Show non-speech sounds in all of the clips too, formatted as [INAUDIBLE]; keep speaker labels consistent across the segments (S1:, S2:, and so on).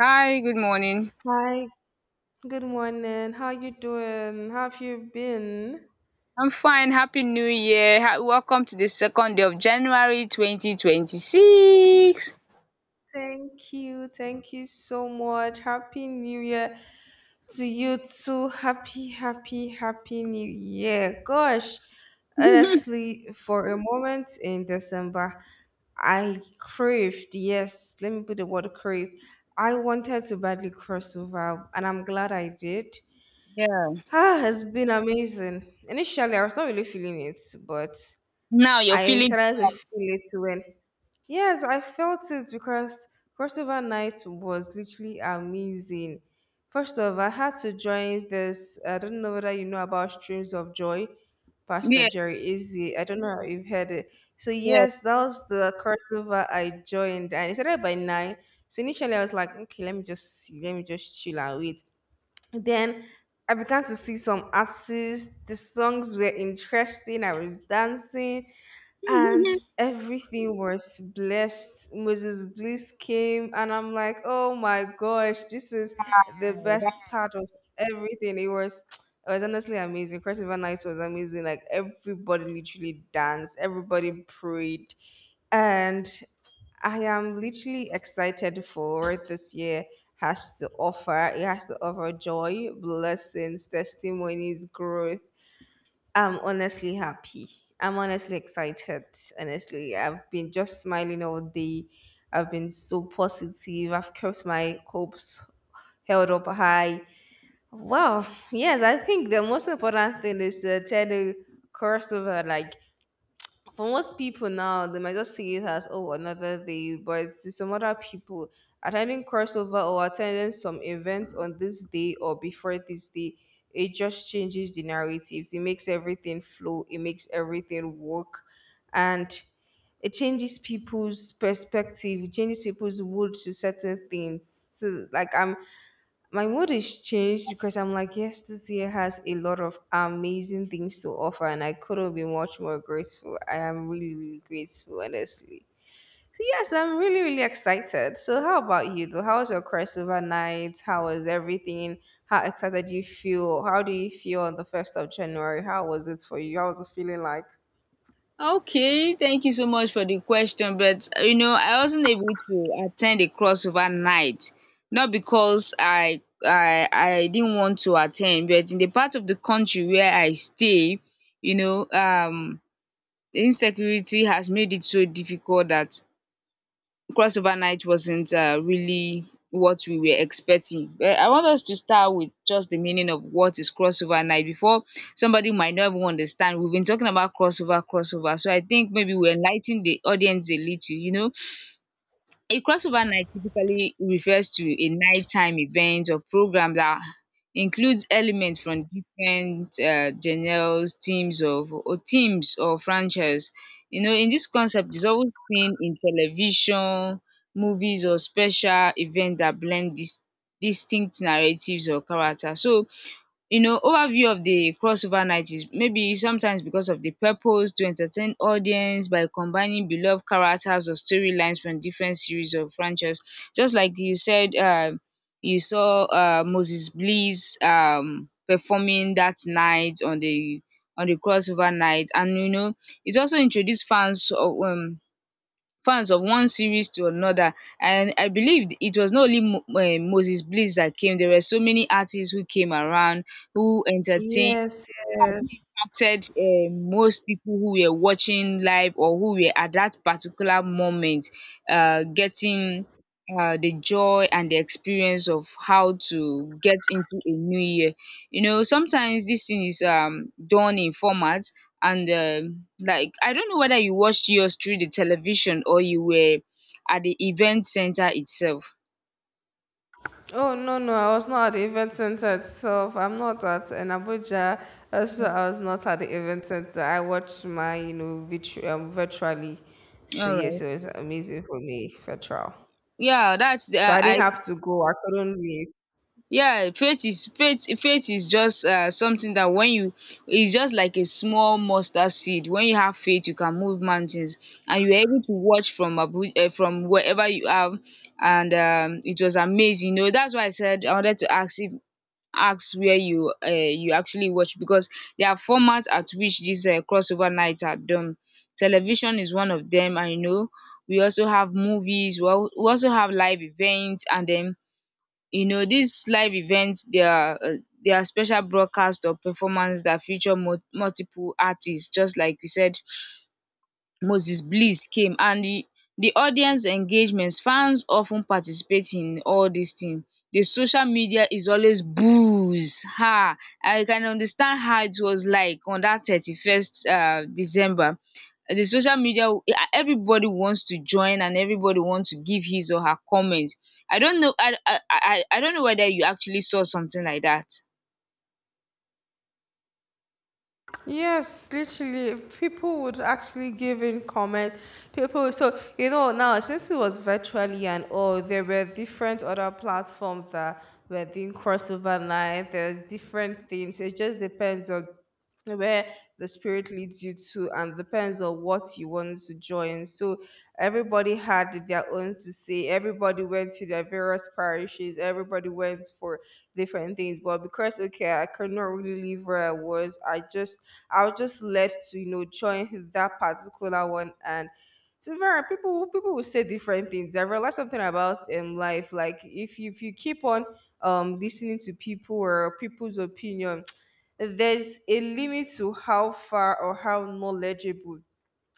S1: Hi, good morning.
S2: Hi, good morning. How you doing? How have you been?
S1: I'm fine. Happy New Year. Welcome to the second day of January 2026.
S2: Thank you. Thank you so much. Happy New Year to you too. Happy, happy, happy New Year. Gosh,
S1: [LAUGHS]
S2: honestly, for a moment in December, I craved, yes, let me put the word craved. I wanted to badly cross over, and I'm glad I did.
S1: Yeah.
S2: Ah, it's been amazing. Initially, I was not really feeling it, but
S1: Now you're
S2: I
S1: feeling
S2: started
S1: the
S2: to
S1: vibes.
S2: feel it when yes, I felt it because crossover night was literally amazing. First of all, I had to join this. I don't know whether you know about Streams of Joy, Pastor
S1: Yeah,
S2: Jerry Izzy. I don't know if you've heard it. So
S1: yeah.
S2: yes, that was the crossover I joined, and it started by nine. So initially, I was like, okay, let me just see, let me just chill and wait. Then I began to see some artists. The songs were interesting. I was dancing and
S1: [LAUGHS]
S2: everything was blessed. Moses Bliss came, and I'm like, oh my gosh, this is the best
S1: Alright.
S2: part of everything. It was honestly amazing. Crossover Nights was amazing. Like everybody literally danced, everybody prayed, and I am literally excited for what this year has to offer. It has to offer joy, blessings, testimonies, growth. I'm honestly happy. I'm honestly excited. Honestly, I've been just smiling all day. I've been so positive. I've kept my hopes held up high. Wow. Yes, I think the most important thing is to tell the crossover like for most people now, they might just see it as oh another day. But to some other people, attending crossover or attending some event on this day or before this day, it just changes the narratives. It makes everything flow. It makes everything work, and it changes people's perspective. It changes people's mood to certain things. So like I'm my mood is changed because I'm like, yes, this year has a lot of amazing things to offer, and I couldn't be much more grateful. I am really, really grateful, honestly. So yes, I'm really, really excited. So how about you though? How was your crossover night? How was everything? How excited do you feel? How do you feel on the first of January? How was it for you? How was it feeling like?
S1: Okay, thank you so much for the question. But I wasn't able to attend the crossover night, not because I didn't want to attend, but in the part of the country where I stay, you know, um the insecurity has made it so difficult that crossover night wasn't really what we were expecting. But I want us to start with just the meaning of what is crossover night before somebody might not even understand. We've been talking about crossover, crossover. So I think maybe we enlighten the audience a little. A crossover night typically refers to a nighttime event or program that includes elements from different genres, teams or franchises. In this concept, is always seen in television, movies, or special events that blend distinct narratives or characters. So overview of the crossover night is maybe sometimes because of the purpose to entertain audience by combining beloved characters or storylines from different series or franchise, just like you said. You saw Moses Bliss performing that night on the crossover night, and it also introduced fans of one series to another, and I believe it was not only Moses Bliss that came. There were so many artists who came around who entertained
S2: Yes,
S1: facts
S2: yes.
S1: wey impacted most people who were watching live or who were at that particular moment getting the joy and the experience of how to get into a new year. Sometimes this thing is done in format, and like, I don't know whether you watched yours through the television or you were at the event center itself.
S2: Oh, no, no, I was not at the event center itself. I'm not at in Abuja. Also, I was not at the event center. I watched my, you know, virtu- virtually. So, yes,
S1: Alright.
S2: it was amazing for me, virtual.
S1: Yeah, that's the
S2: So, I didn't
S1: I.
S2: have to go. I couldn't leave.
S1: Yeah, faith is faith. Faith is just something that when you, is just like a small mustard seed. When you have faith, you can move mountains, and you are able to watch from wherever you are, and it was amazing. That's why I said I wanted to ask if ask where you you actually watch, because there are formats at which these crossover nights are done. Television is one of them. I know we also have movies. Well, we also have live events, and then, these live events, their special broadcasts or performances that feature multiple artists, just like we said. Moses Bliss came, and the di audience engagements, fans often ten participate in all these things. The social media is always booze. Ha! I can understand how it was like on that 31st December. The social media, everybody wants to join, and everybody wants to give his or her comment. I don't know I don't know whether you actually saw something like dat.
S2: Yes, literally, people would actually give in comment. So you know now since it was virtually and all, there were different other platforms that were doing crossover night. There's different things. It just depends on where the spirit leads you to and depends on what you want to join, so everybody had their own to say. Everybody went to their various parishes. Everybody went for different things, but because okay, I could not really live where I was, I was just led to, you know, join that particular one. And to be fair, people will say different things. I realized something about life. Like if you keep on listening to people or people's opinion, there's a limit to how far or how knowledgeable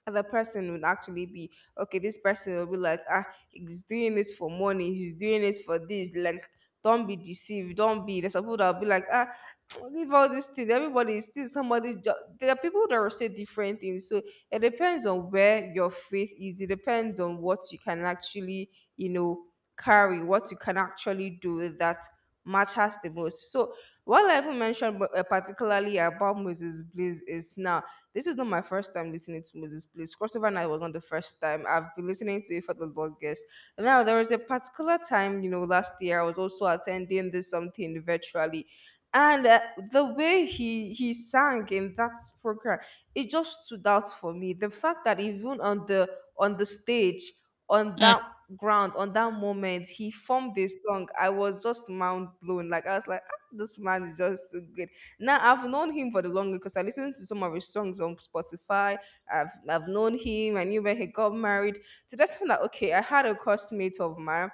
S2: the person would actually be. Okay, this person will be like, ah, he's doing this for money, he's doing it for this. Like, don't be deceived, don't be. There's some people that'll be like, ah, [TSK] leave all this thing. Everybody is still somebody. Jo-. There are people that will say different things. So it depends on where your faith is. It depends on what you can actually, you know, carry, what you can actually do that matters the most. So what level mentioned particularly about Moses Bliss is now, this is not my first time listening to Moses Blaze. Crossover Night was not the first time. I've been listening to it for the longest. Now, there was a particular time, last year I was also attending this something virtually. And the way he sang in that program, it just stood out for me. The fact that even on the stage, on that ground, on that moment he formed this song, I was just mind blown. Like I was like, this man is just too good. Now I've known him for the long because I listened to some of his songs on Spotify. I've known him. I knew when he got married. To just find out, okay, I had a classmate of mine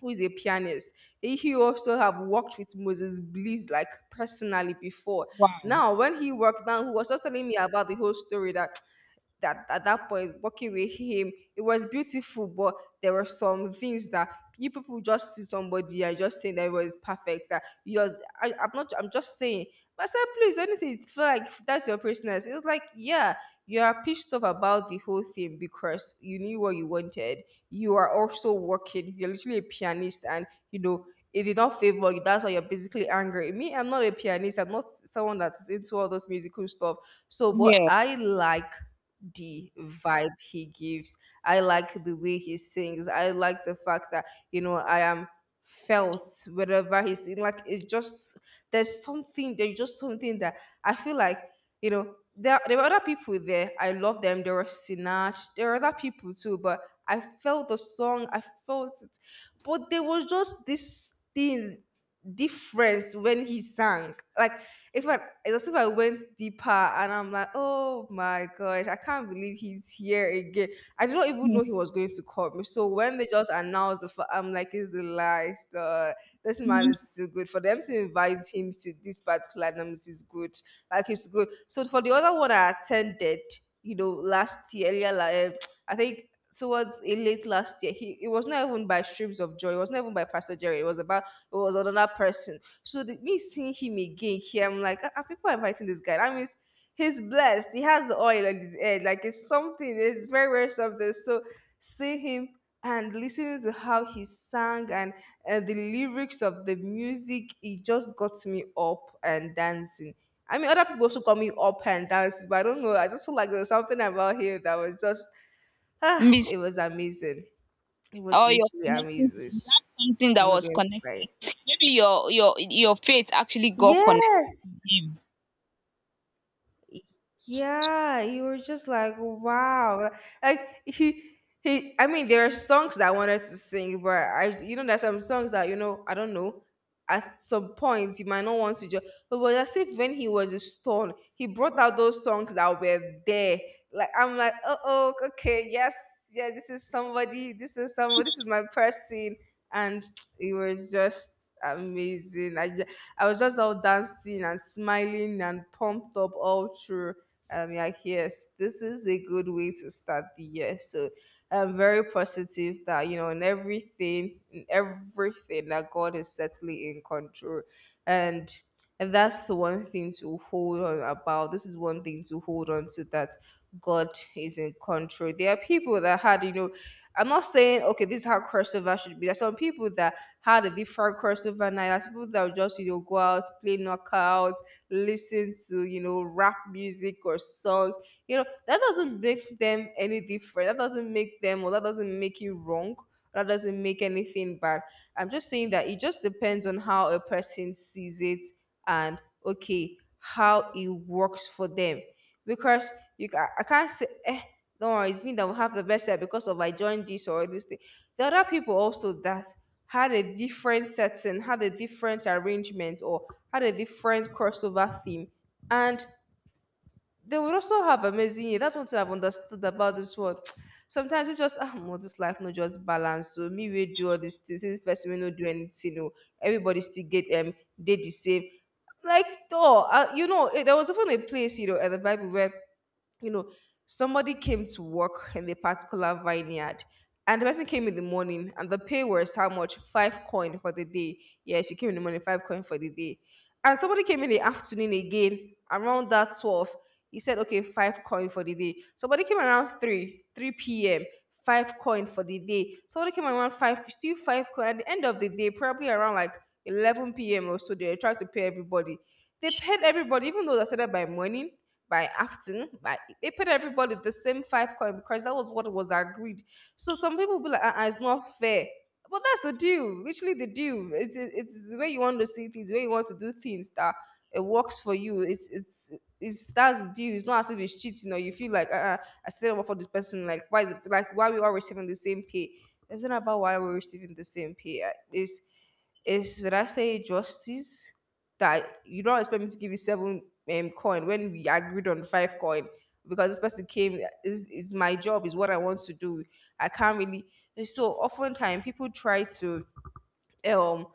S2: who is a pianist. He also have worked with Moses Bliss like personally before.
S1: Wow!
S2: Now, when he worked down, he was just telling me about the whole story, that at that point working with him it was beautiful, but there were some things that you people just see somebody and just saying that it was perfect, that yours. I'm not, I'm just saying. But I said, please, anything you feel like, that's your personality. It was like, yeah, you are pissed off about the whole thing because you knew what you wanted. You are also working. You're literally a pianist, and you know it did not favor you. That's why you're basically angry. Me, I'm not a pianist. I'm not someone that's into all those musical stuff. So what
S1: Yeah.
S2: I like, the vibe he gives. I like the way he sings. I like the fact that, I am felt wherever he's in. Like, it's just, there's something, there's just something that I feel like, there were other people there. I love them. There were Sinach. There were other people too, but I felt the song. I felt it. But there was just this thing different when he sang. Like, if I, it's as if I went deeper, and I'm like, oh my gosh, I can't believe he's here again. I did not even know he was going to call me. So when they just announced I'm like, it's the life. This man
S1: Mhm.
S2: is too good for them to invite him to this particular numbers is good. Like, it's good. So for the other one I attended, last year, earlier, like, [TSK] I think towards it late last year, he it was not even by Streams of Joy. It was not even by Pastor Jerry. It was about, it was another person. So me seeing him again here, I'm like, are people inviting this guy? That means he's blessed. He has the oil on his head. Like, it's something. It's very, very something. So seeing him and listening to how he sang, and the lyrics of the music, it just got me up and dancing. I mean, other people also call me up and dance, but I don't know. I just feel like there was something about him that was just. Ah,
S1: Miss.
S2: it was amazing. It was
S1: Or you're
S2: literally
S1: connecting to,
S2: amazing.
S1: you had something that
S2: I'm not
S1: was
S2: going to
S1: connected.
S2: lie.
S1: Maybe your your faith actually got connected to
S2: Yes.
S1: him.
S2: Yeah, you were just like, wow. Like he he I mean, there are songs that I wanted to sing, but I there's some songs that, I don't know. At some point you might not want to just, but as if when he was a stone, he brought out those songs that were there. Like I'm like, oh, okay, yes, yeah, this is somebody, this is somebody, this is my person. And it was just amazing. I was just all dancing and smiling and pumped up all through. Like, yes, this is a good way to start the year. So I'm very positive that, in everything, in everything, that God is certainly in control. And and that's the one thing to hold on about. This is one thing to hold on to, that God is in control. There are people that had, I'm not saying okay, this is how crossover should be. There's some people that had a different crossover night. There's people that would just, go out, play knockout, listen to rap music or song, that doesn't make them any different. That doesn't make them, or that doesn't make you wrong. That doesn't make anything bad. I'm just saying that it just depends on how a person sees it, and okay, how it works for them. Because I can't say, eh, don't worry, it's me that will have the best hair because of I joined this or this thing. The other people also that had a different setting, had a different arrangement, or had a different crossover theme. And they would also have amazing year. That's one thing I've understood about this world. [TSK] Sometimes you just well, this life not just balance. So me we do all these things. This person will not do anything. Oh, everybody still get the same. Like oh there was even a place at the Bible where you know, somebody came to work in a particular vineyard, and the person came in the morning and the pay was how much? Five coin for the day. Yeah, she came in the morning, five coin for the day. And somebody came in the afternoon again around that 12. He said, okay, five coin for the day. Somebody came around 3, 3 p.m., five coin for the day. Somebody came around 5, still five coin. At the end of the day, probably around like 11 p.m. or so, they tried to pay everybody. They paid everybody, even though they started by morning by acting, by they paid everybody the same five coin because that was what was agreed. So some people be like, ah, it's not fair. But that's the deal, literally the deal. It's the way you want to see things, the way you want to do things that it works for you. It's that's the deal. It's not as if it's cheating or you feel like I still work for this person. Like why is it, like why we all receiving the same pay? It's not about why we're receiving the same pay. It's, is, would I say, justice? That you don't expect me to give you seven coin when we agreed on five coin because this person came, is my job is what I want to do. I can't really, so oftentimes people try to um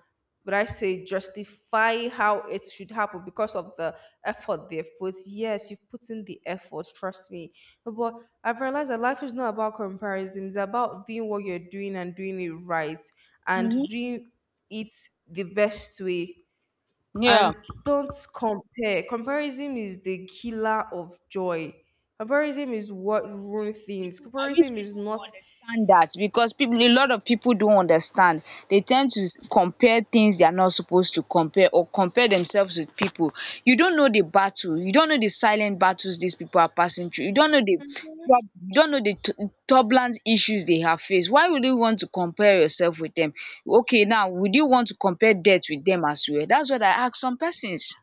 S2: would I say justify how it should happen because of the effort they've put. Yes, you've put in the effort, trust me. But I've realized that life is not about comparison, it's about doing what you're doing and doing it right,
S1: Hmm.
S2: and doing it the best way,
S1: Yeah.
S2: and don't compare. Comparison is the killer of joy. Comparison is what ruins things.
S1: People i wish
S2: Comparison is
S1: people will
S2: not.
S1: understand that, because people a lot of people don't understand. They tend to compare things they are not supposed to compare, or compare themselves with people. You don't know the battle, you don't know the silent battles these people are passing through, you don't know the troub- you don't know the t- turbulent issues they have faced. Why would you want to compare yourself with them? Okay, now would you want to compare death with them as well? That's what I ask some persons.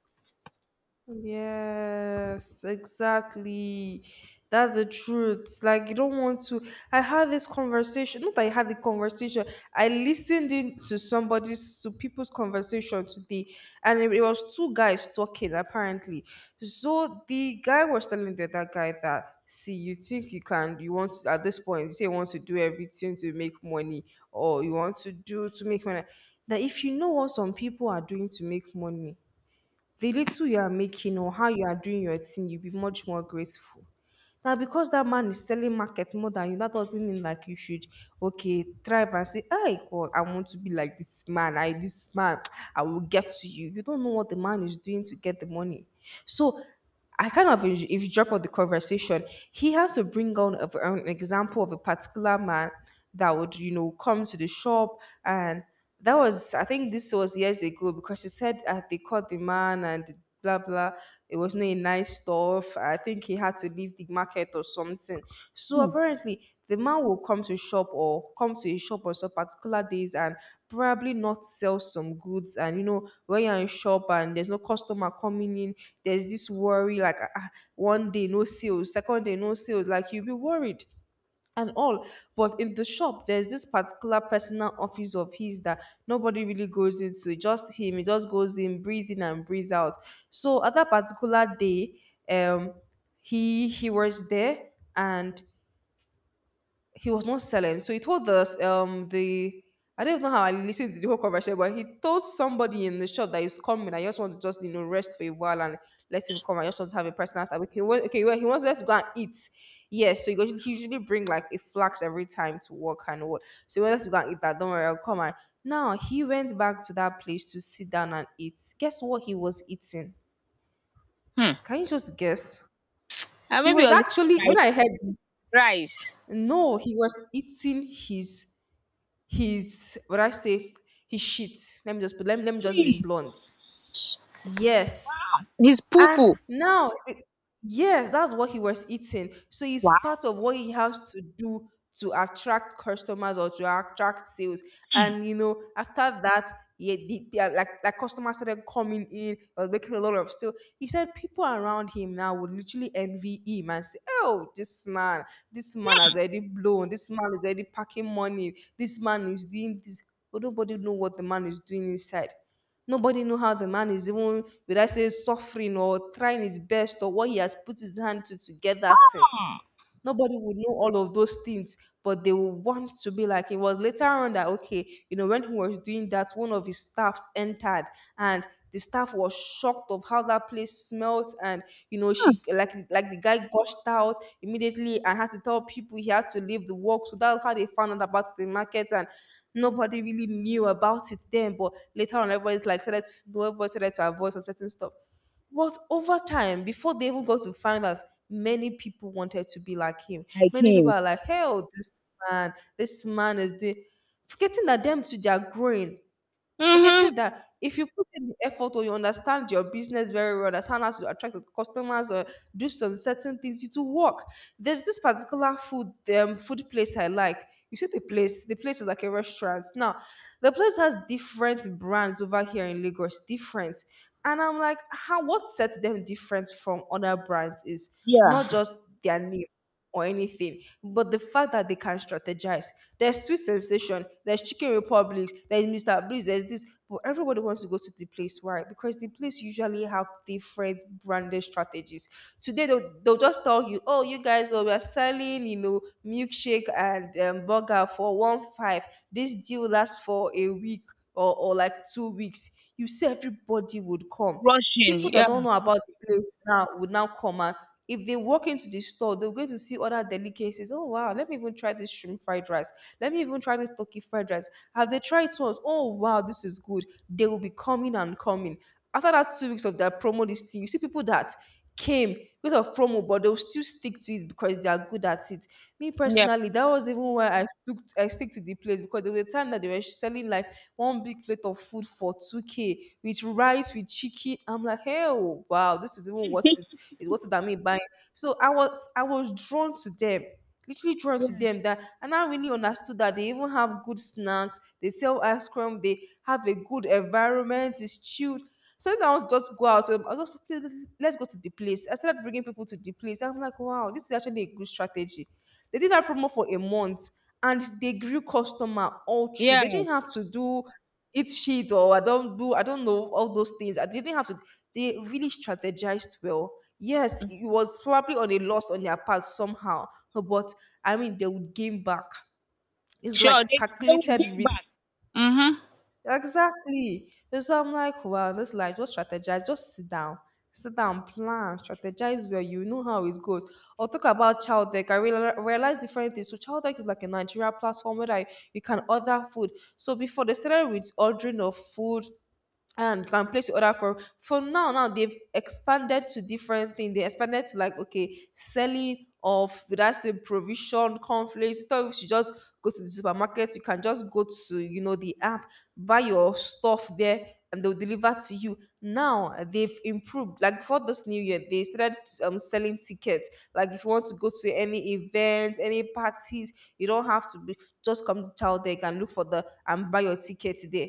S2: Yes, exactly. That's the truth. Like you don't want to. I had this conversation. Not that I had the conversation. I listened in to somebody's to people's conversation today, and it was two guys talking apparently. So the guy was telling the other guy that, see, you think you can, you want to, at this point, you say you want to do everything to make money, or you want to do to make money. That if you know what some people are doing to make money, the little you are making or how you are doing your thing, you'll be much more grateful. Now, because that man is selling market more than you, that doesn't mean like you should okay thrive and say, "Hey God, I want to be like this man. I this man, [TSK] I will get to you." You don't know what the man is doing to get the money. So, I kind of, if you drop out the conversation, he had to bring on an example of a particular man that would, you know, come to the shop, and that was, I think this was years ago because she said they caught the man and blah blah. It was not a nice stuff. I think he had to leave the market or something. So
S1: Hmm.
S2: apparently, the man will come to shop or come to a shop on some particular days and probably not sell some goods. And you know, when you're in shop and there's no customer coming in, there's this worry like ah, ah, one day no sales, second day no sales. Like you'll be worried and all. But in the shop, there's this particular personal office of his that nobody really goes into. Just him. He just goes in, breathes in and breathes out. So at that particular day, um, he was there and he was not selling. So he told us the I don't know how I listened to the whole conversation, but he told somebody in the shop that he's coming. I just want to just, you know, rest for a while and let him come. I just want to have a personal time. He wants okay, well, he wants us to go and eat. Yes, so he usually bring like a flax every time to work and what. So he wants us to go and eat that. Don't worry, I'll come. And now he went back to that place to sit down and eat. Guess what he was eating?
S1: Hmm.
S2: Can you just guess?
S1: And
S2: He
S1: maybe I
S2: was
S1: was eating
S2: actually, when
S1: rice.
S2: I heard this,
S1: Rice.
S2: no, he was eating his what I say his shit. Let me just let me just be
S1: Cheese.
S2: blunt. Yes,
S1: His poo
S2: and
S1: poo.
S2: now, yes, that's what he was eating. So it's
S1: Wow.
S2: part of what he has to do to attract customers or to attract sales. And you know, after that, yeah, like customers started coming in, I was making a lot of sales. He said people around him now would literally envy him and say, "Oh, this man has already blown. This man is already packing money. This man is doing this." But nobody know what the man is doing inside. Nobody know how the man is even, will I say, suffering or trying his best or what he has put his hand to get that thing. Nobody would know all of those things, but they would want to be like, it was later on that, okay, you know, when he was doing that, one of his staffs entered, and the staff was shocked of how that place smelt, and you know she like the guy gushed out immediately and had to tell people, he had to leave the work. So that's how they found out about the market, and nobody really knew about it then, but later on everybody's like started to know, everybody started to avoid some certain stuff. But over time, before they even got to find us, many people wanted to be like him.
S1: Like
S2: Many people
S1: him.
S2: are like, hell, this man is doing, forgetting that them too, they are growing. You're
S1: Mm-hmm.
S2: getting that if you put in the effort or you understand your business very well, understand how to attract the customers or do some certain things, it will work. There's this particular food food place I like. You see the place is like a restaurant. Now, the place has different brands over here in Lagos, different. And I'm like, how, what sets them different from other brands is not
S1: Yeah.
S2: just their name or anything. But the fact that they can strategize, there's Sweet Sensation, there's Chicken Republics, there's Mr. Breeze, there's this, but everybody wants to go to the place. Why? Because the place usually have different branded strategies. Today they'll just tell you, oh, you guys, oh, we are selling, you know, milkshake and burger for one five. This deal lasts for a week or like 2 weeks. You see, everybody would come.
S1: Rushing.
S2: People that don't
S1: Yeah.
S2: know about the place now would now come, and if they walk into the store, they're going to see other delicacies. Oh wow, let me even try this shrimp fried rice. Let me even try this turkey fried rice. Have they tried it once? Oh wow, this is good. They will be coming and coming. After that 2 weeks of their promo listing, you see people that came because of promo, but they'll still stick to it because they are good at it. Me
S1: Yeah.
S2: personally, that was even why I stick to the place because there was a time that they were selling like one big plate of food for 2K with rice with chicken. I'm like, hey oh, wow, this is even worth it, it's worth it than me buying. So I was drawn to them, literally drawn to
S1: Yeah.
S2: them, that, and I really understood that they even have good snacks, they sell ice cream, they have a good environment, it's chill. So then I want to just go out. I was just, "Please, let's go to the place." I started bringing people to the place. I'm like, wow, this is actually a good strategy. They did that promo for a month, and they grew customer all through. They
S1: Yeah.
S2: didn't have to do it sheet or I don't do I don't know all those things. I didn't have to. They really strategized well. Yes, it was probably on a loss on their part somehow, but I mean they would gain back. It's
S1: Sure.
S2: like
S1: They will
S2: calculated
S1: give
S2: risk.
S1: back. Mm-hmm.
S2: Exactly. And so I'm like, well, this life, just strategize, just sit down, plan, strategize where. You know how it goes. Or talk about child tech. Realize different things. So child tech is like a Nigeria platform where I you can order food. So before they started with ordering of food and you can place your order for now now they've expanded to different things. They expanded to like okay selling of that's a provision conflict stuff. You should just go to the supermarket, you can just go to, you know, the app, buy your stuff there and they'll deliver to you. Now they've improved, like for this new year they started selling tickets. Like if you want to go to any event, any parties, you don't have to be, just come to child there, you can look for the and buy your ticket there.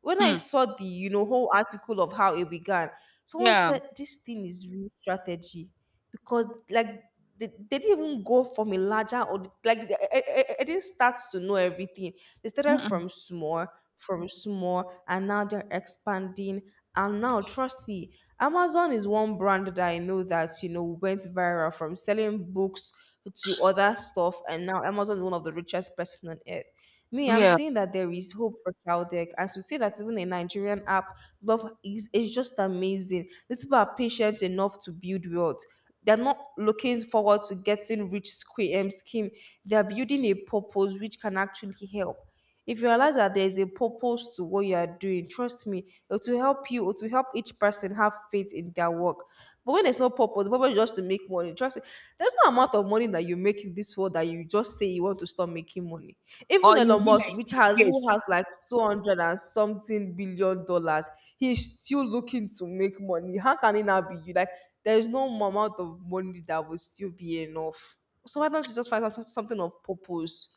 S2: When I
S1: Mm.
S2: saw the, you know, whole article of how it began, someone
S1: Yeah.
S2: said this thing is real strategy, because like they didn't even go from a larger, or like I didn't start to know everything. They started
S1: Mm-mm.
S2: from small, and now they're expanding. And now, trust me, Amazon is one brand that I know that, you know, went viral from selling books to other stuff, and now Amazon is one of the richest person on earth. Me, I'm
S1: Yeah.
S2: saying that there is hope for child, and to say that even a Nigerian app love is just amazing. The people are patient enough to build wealth. They're not looking forward to getting rich scheme. They're building a purpose which can actually help. If you realize that there is a purpose to what you are doing, trust me, it will help you, it will help each person have faith in their work. But when there's no purpose, the purpose is just to make money. Trust me, there's no amount of money that you make in this world that you just say you want to stop making money. Even
S1: Or you
S2: Elon
S1: be
S2: Musk,
S1: like
S2: which
S1: Bill
S2: has who
S1: Gates.
S2: has like 200 and something billion dollars, he is still looking to make money. How can it now be you? Like, there is no amount of money that will still be enough. So why don't you just find out something of purpose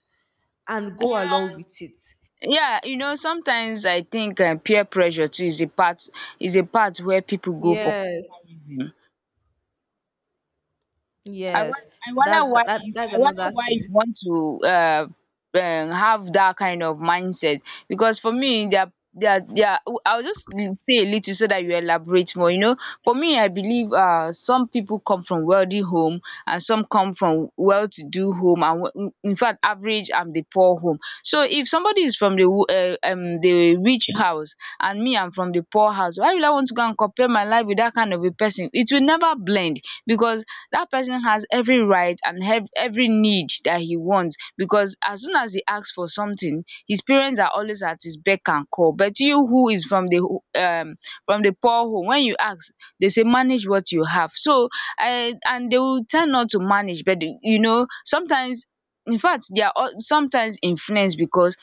S2: and go along
S1: Um,
S2: with it?
S1: yeah, sometimes I think peer pressure too is a part where people go for
S2: Yes,
S1: comparison. I won-
S2: yes.
S1: I
S2: That's
S1: wonder why
S2: that,
S1: you
S2: that's
S1: I wonder
S2: another
S1: why you
S2: thing.
S1: want to have that kind of mindset, because for me I'll just say a little so that you elaborate more. You know, for me I believe some people come from wealthy home, and some come from well-to-do home, and in fact average and the poor home. So if somebody is from the the rich house, and me, I'm from the poor house, why will I want to go and compare my life with that kind of a person? It will never blend, because that person has every right and have every need that he wants, because as soon as he asks for something, his parents are always at his beck and call. But you who is from the ho- from the poor home, when you ask, they say manage what you have. So I and they will tend not to manage, but sometimes in fact they are all sometimes influenced because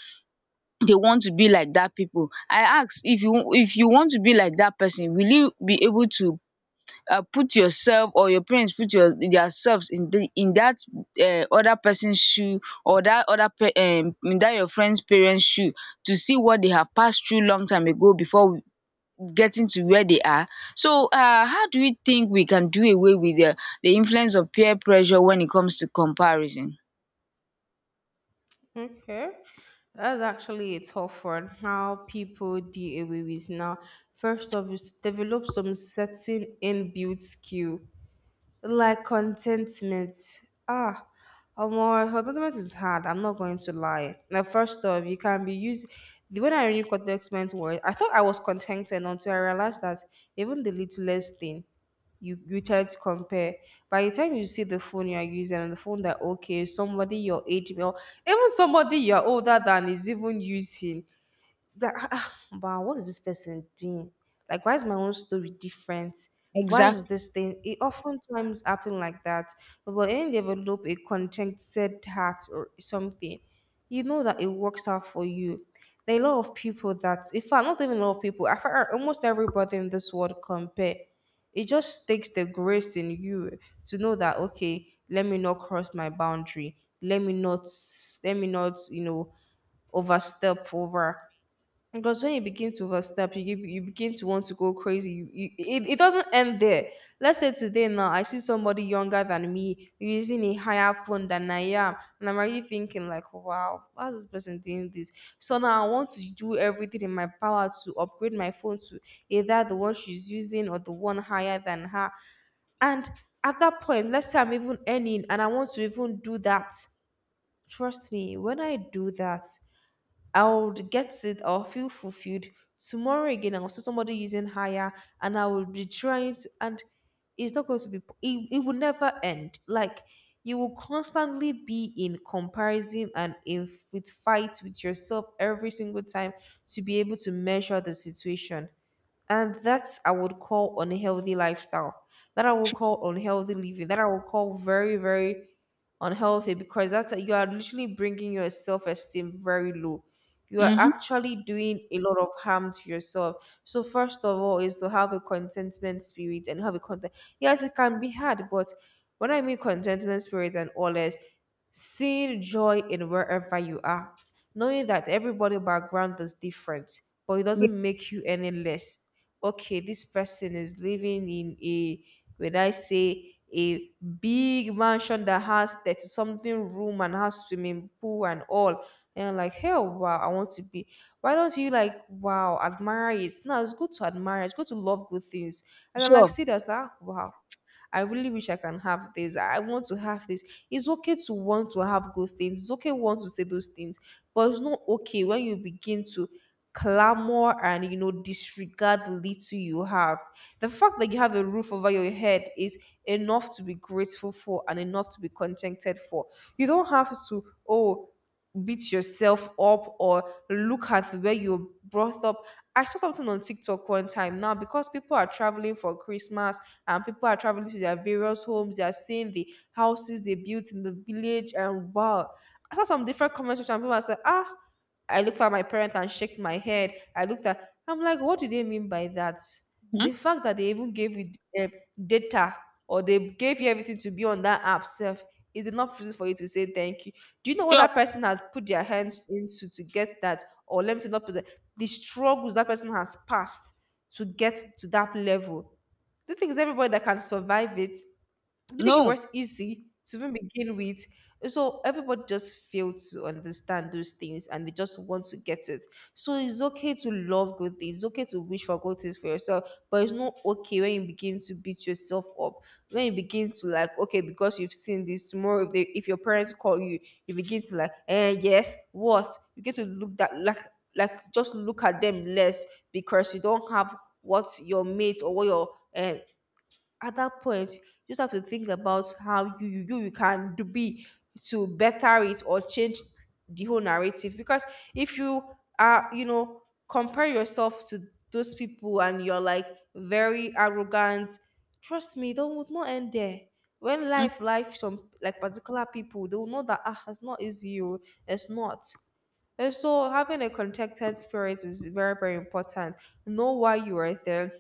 S1: they want to be like that people. I ask, if you want to be like that person, will you be able to put yourself, or your parents put your dia selves, in the in that other person's shoe, or that other pe- dat your friend's parents shoe, to see what they have passed through long time ago before getting to where they are. So how do you think we can do away with the influence of peer pressure when it comes to comparison?
S2: Okay. That's actually a tough one. How people deal away with now. First off is to develop some certain inbuilt skill. Like contentment. Ah, Amor, contentment is hard. I'm not going to lie. Now, first off, you can be used. When I read contentment word, I thought I was contented until I realized that even the littlest thing, you tend to compare. By the time you see the phone you are using and the phone that okay, somebody your age, well, even somebody you're older than is even using, that wow, what is this person doing? Like, why is my own story different? Why is
S1: Exactly.
S2: this thing? It oftentimes happen like that, but when you develop a contented heart or something, you know that it works out for you. There are a lot of people that, in fact, not even a lot of people, I find almost everybody in this world compare. It just takes the grace in you to know that okay, let me not cross my boundary. Let me not, let me not, you know, overstep over, because when you begin to overstep, you begin to want to go crazy. It doesn't end there. Let's say today now, I see somebody younger than me using a higher phone than I am. And I'm already thinking like, wow, how's this person doing this? So now I want to do everything in my power to upgrade my phone to either the one she's using or the one higher than her. And at that point, let's say I'm even earning and I want to even do that. Trust me, when I do that, I would get it. I'll feel fulfilled. Tomorrow again, I'll see somebody using higher, and I will be trying to. And it's not going to be. It will never end. Like you will constantly be in comparison and in with fights with yourself every single time to be able to measure the situation. And that's I would call unhealthy lifestyle. That I would call unhealthy living. That I would call very, very unhealthy, because that's you are literally bringing your self esteem very low. You are
S1: um
S2: actually doing a lot of harm to yourself. So first of all, is to have a contentment spirit and have a content. Yes, it can be hard, but when I mean contentment spirit and all that, seeing joy in wherever you are, knowing that everybody background is different, but it doesn't make you any less. Okay, this person is living in a, when I say, a big mansion that has 30 something room and has swimming pool and all. And I'm like, hell, wow, I want to be. Why don't you like, wow, admire it? No, it's good to admire, it's good to love good things. I can like
S1: Sure.
S2: see that's like, wow, I really wish I can have this. I want to have this. It's okay to want to have good things. It's okay want to say those things, but it's not okay when you begin to clamor and you know disregard the little you have. The fact that you have a roof over your head is enough to be grateful for and enough to be contented for. You don't have to oh beat yourself up or look at where you're brought up. I saw something on TikTok one time now because people are traveling for Christmas, and people are traveling to their various homes. They are seeing the houses they built in the village and wow, I saw some different comments, which some people are saying ah, I looked at my parents and shook my head. I looked at, I'm like, what do they mean by that?
S1: um
S2: The fact that they even gave you um, data or they gave you everything to be on that app self is enough reason for you to say thank you. Do you know what
S1: Sure.
S2: that person has put their hands into to get that? Or let me not put that, the struggles that person has passed to get to that level. Do you think it's everybody that can survive it? Do you think it
S1: No.
S2: was easy to even begin with? So everybody just failed to understand those things and they just want to get it. So it's okay to love good things, it's okay to wish for good things for yourself, but it's not okay when you begin to beat yourself up. When you begin to like, okay, because you've seen this tomorrow, if they if your parents call you, you begin to like, eh, yes, what? You get to look that like just look at them less because you don't have what your mates or what your um, at that point you just have to think about how you can do be to better it or change the whole narrative, because if you are, you know, compare yourself to those people and you're like very arrogant, trust me they would not end there. When life some like particular people they will know that ah it's not easy oh, it's not. And so having a contented spirit is very very important. Know why you are there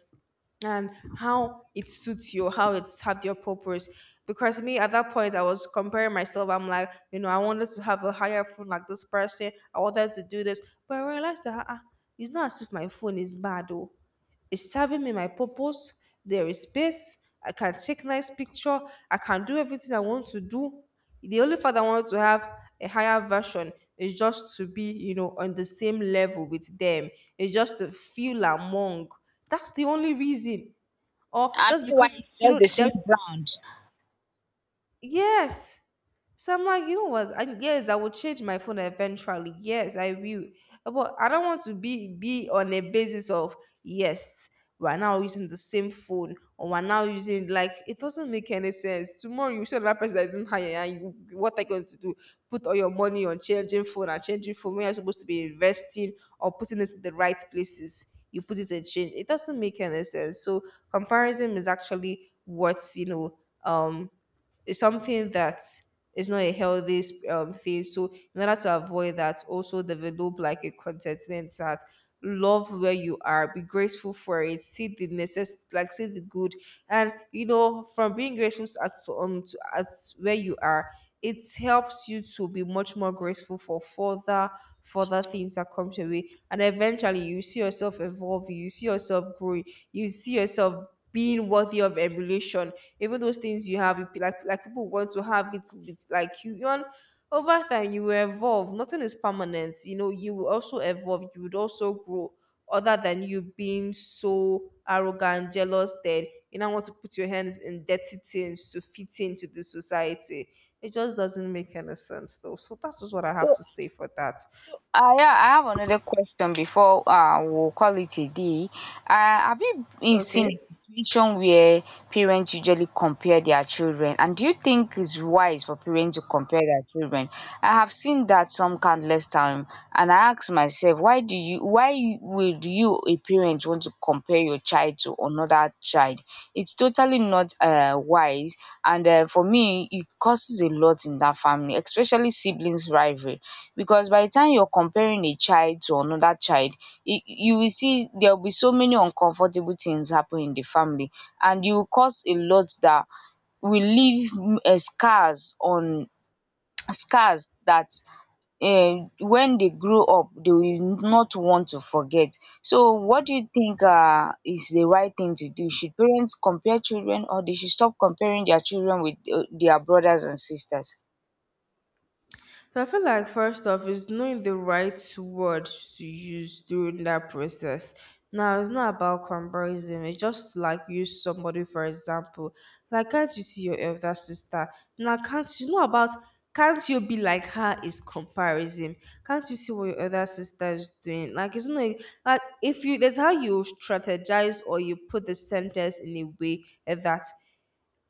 S2: and how it suits you, how it served your purpose. Because me at that point, I was comparing myself. I'm like, you know, I wanted to have a higher phone like this person. I wanted to do this, but I realized that ah, it's not as if my phone is bad. Though. It's serving me my purpose. There is space. I can take nice picture. I can do everything I want to do. The only fact I want to have a higher version is just to be, you know, on the same level with them. It's just to feel among. That's the only reason, or
S1: I
S2: just
S1: mean, why?
S2: because
S1: It's
S2: you
S1: just
S2: know
S1: the
S2: that,
S1: same brand.
S2: yes. So I'm like, you know what? I, yes, I will change my phone eventually. Yes, I will. But I don't want to be on a basis of yes, we're now using the same phone or we're now using, like it doesn't make any sense. Tomorrow you show another person that isn't higher and you, what are you going to do? Put all your money on changing phone and changing phone when you're supposed to be investing or putting it in the right places. You put it in change. It doesn't make any sense. So comparison is actually what, you know, um it's something that is not a healthy thing. So in order to avoid that, also develop like a contentment that love where you are, be grateful for it, see the necess like see the good, and you know from being grateful at where you are, it helps you to be much more grateful for further things that come your way, and eventually you see yourself evolving, you see yourself growing, you see yourself being worthy of emulation. Even those things you have, like people want to have it with like you. You want over time you will evolve. Nothing is permanent. You know, you will also evolve. You would also grow. Other than you being so arrogant, jealous, that you now want to put your hands in dirty things to fit into the society. It just doesn't make any sense though. So that's just what I have
S1: So,
S2: to say for that.
S1: so, yeah, I have another question before we'll call it a day. Have you been seen
S2: Okay.
S1: a situation where parents usually compare their children? And do you think it's wise for parents to compare their children? I have seen that some countless time, and I ask myself, why do you, why would you, a parent, want to compare your child to another child? It's totally not wise, and for me it causes a lot in that family, especially siblings rivalry, because by the time you're comparing a child to another child, you will see there will be so many uncomfortable things happen in the family, and you will cause a lot that will leave scars that when they grow up they will not want to forget. So what do you think is the right thing to do? Should parents compare children, or they should stop comparing their children with their brothers and sisters?
S2: So I feel like first off is knowing the right words to use during that process. Now it's not about comparison. It's just like use somebody for example. Like, can't you see your elder sister? Now can't you, not about can't you be like her is comparison? Can't you see what your other sister is doing? Like, it's not like if you there's how you strategize or you put the sentence in a way that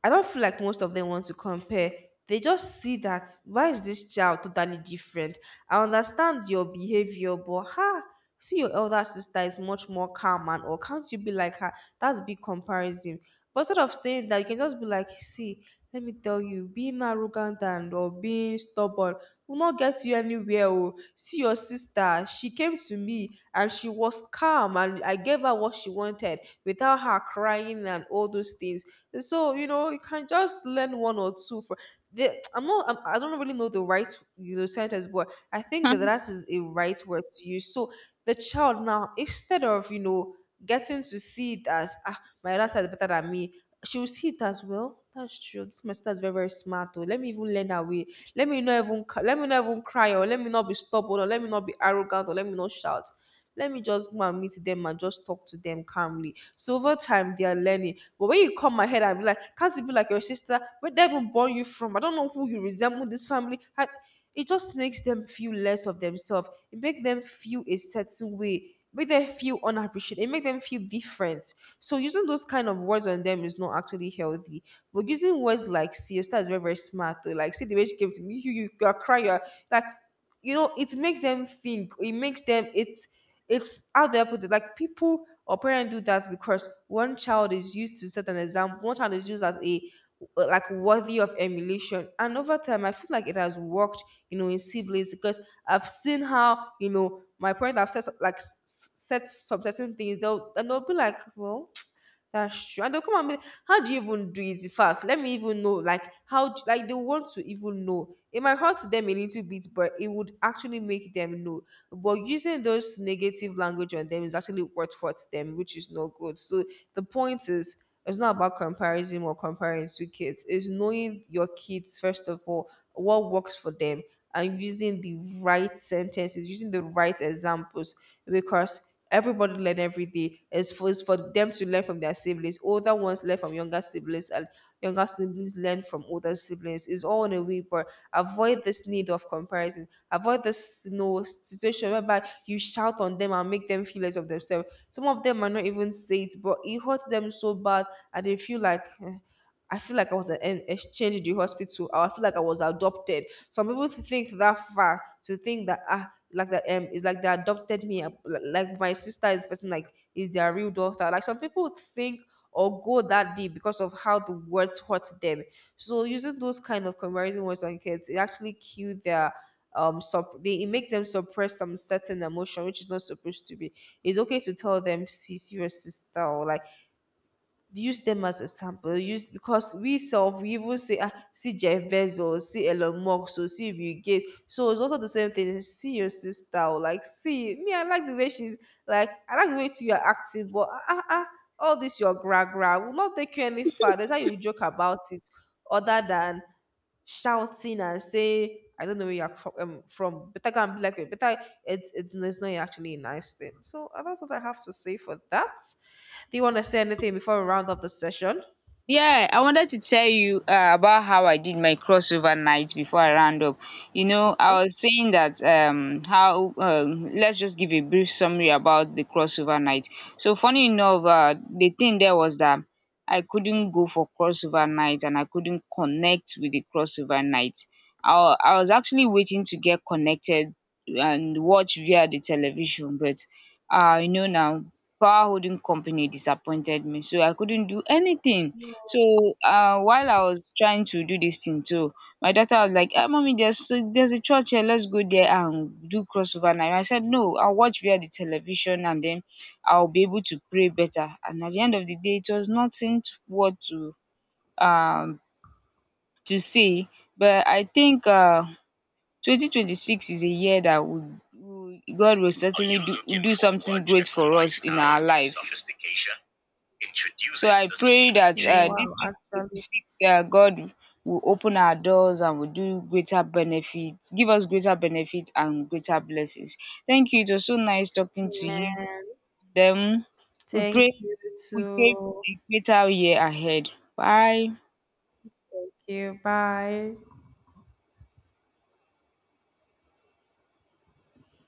S2: I don't feel like most of them want to compare. They just see that why is this child totally different? I understand your behavior, but ha, see your elder sister is much more calm, and or can't you be like her? That's big comparison. But instead of saying that, you can just be like, see, let me tell you, being arrogant and or being stubborn will not get you anywhere. Oh. See your sister, she came to me and she was calm and I gave her what she wanted without her crying and all those things. So, you know, you can just learn one or two for the, I'm not. I'm, I don't really know the right, you know, sentence, but I think
S1: [LAUGHS]
S2: that is a right word to use. So the child now, instead of you know getting to see it as, ah, my other sister is better than me. She will see it as well. That's true. This my sister is very, very smart. Oh. Let me even learn her way. Let me not even cry, or let me not be stubborn, or let me not be arrogant, or let me not shout. Let me just go and meet them and just talk to them calmly. So over time they are learning. But when you come ahead and be like, can't it be like your sister? Where they even born you from? I don't know who you resemble this family. I, it just makes them feel less of themselves. It makes them feel a certain way. Make them feel unappreciated. It makes them feel different. So using those kind of words on them is not actually healthy. But using words like siesta is very, very smart though. Like see the way she came to me, you are crying, you're like you know, it makes them think. It makes them it's how do I put it? Like people or parents do that because one child is used to set an example, one child is used as a like worthy of emulation. And over time, I feel like it has worked, you know, in siblings because I've seen how you know my parents have set like set some certain things. They'll and they'll be like, well, that's true. And they'll come and be like, how do you even do it fast? Let me even know. Like, like, they want to even know. It might hurt them a little bit, but it would actually make them know. But using those negative language on them is actually what hurts them, which is not good. So the point is, it's not about comparison or comparing two kids. It's knowing your kids, first of all, what works for them, and using the right sentences, using the right examples, because everybody learn every day. It's for them to learn from their siblings. Older ones learn from younger siblings, and younger siblings learn from older siblings. It's all in a way, but avoid this need of comparison. Avoid this you know, situation whereby you shout on them and make them feel less of themselves. Some of them might not even say it, but it hurts them so bad, and they feel like. "Eh, I feel like I was an exchange in the hospital. Or I feel like I was adopted. Some people think that far to think that ah, like that it's like they adopted me. Like my sister is the person like is their real daughter. Like some people think or go that deep because of how the words hurt them. So using those kind of comparison words on kids, it actually kill their they it makes them suppress some certain emotion which is not supposed to be it's okay to tell them sis you're a sister, or like use them as a sample. Use because we self we even say ah see Jeff Bezos, see Elon Musk, so see Bill Gates. So it's also the same thing. See your sister, or like see me. I like the way she's like. I like the way too you're acting, but all this your gra gra will not take you any far. That's how you joke about it. Other than shouting and saying, I don't know where you're from. Better go and be like, me." Better, no, it's not actually a nice thing. So that's what I have to say for that. Do you want to say anything before we round up the session?
S1: Yeah, I wanted to tell you about how I did my crossover night before I round up. I was saying that how let's just give a brief summary about the crossover night. So funny enough, the thing there was that I couldn't go for crossover night, and I couldn't connect with the crossover night. I was actually waiting to get connected and watch via the television, but you know now. Power holding company disappointed me, so I couldn't do anything. So while I was trying to do this thing too, my daughter was like, mummy, there's a church here, let's go there and do crossover night. I said no, I'll watch via the television, and then I'll be able to pray better. And at the end of the day, it was nothing to, what um to say. But I think 2026 is a year that would God will certainly do something great for us in our life. Introduce. So it, I the pray spirit. That
S2: Wow,
S1: this
S2: actually,
S1: 2026, God will open our doors and will do greater benefits, give us greater benefits and greater blessings. Thank you. It was so nice talking to you.
S2: man.
S1: Then we
S2: Thank
S1: pray,
S2: you
S1: we pray for
S2: too.
S1: a greater year ahead. Bye.
S2: Thank you. Bye.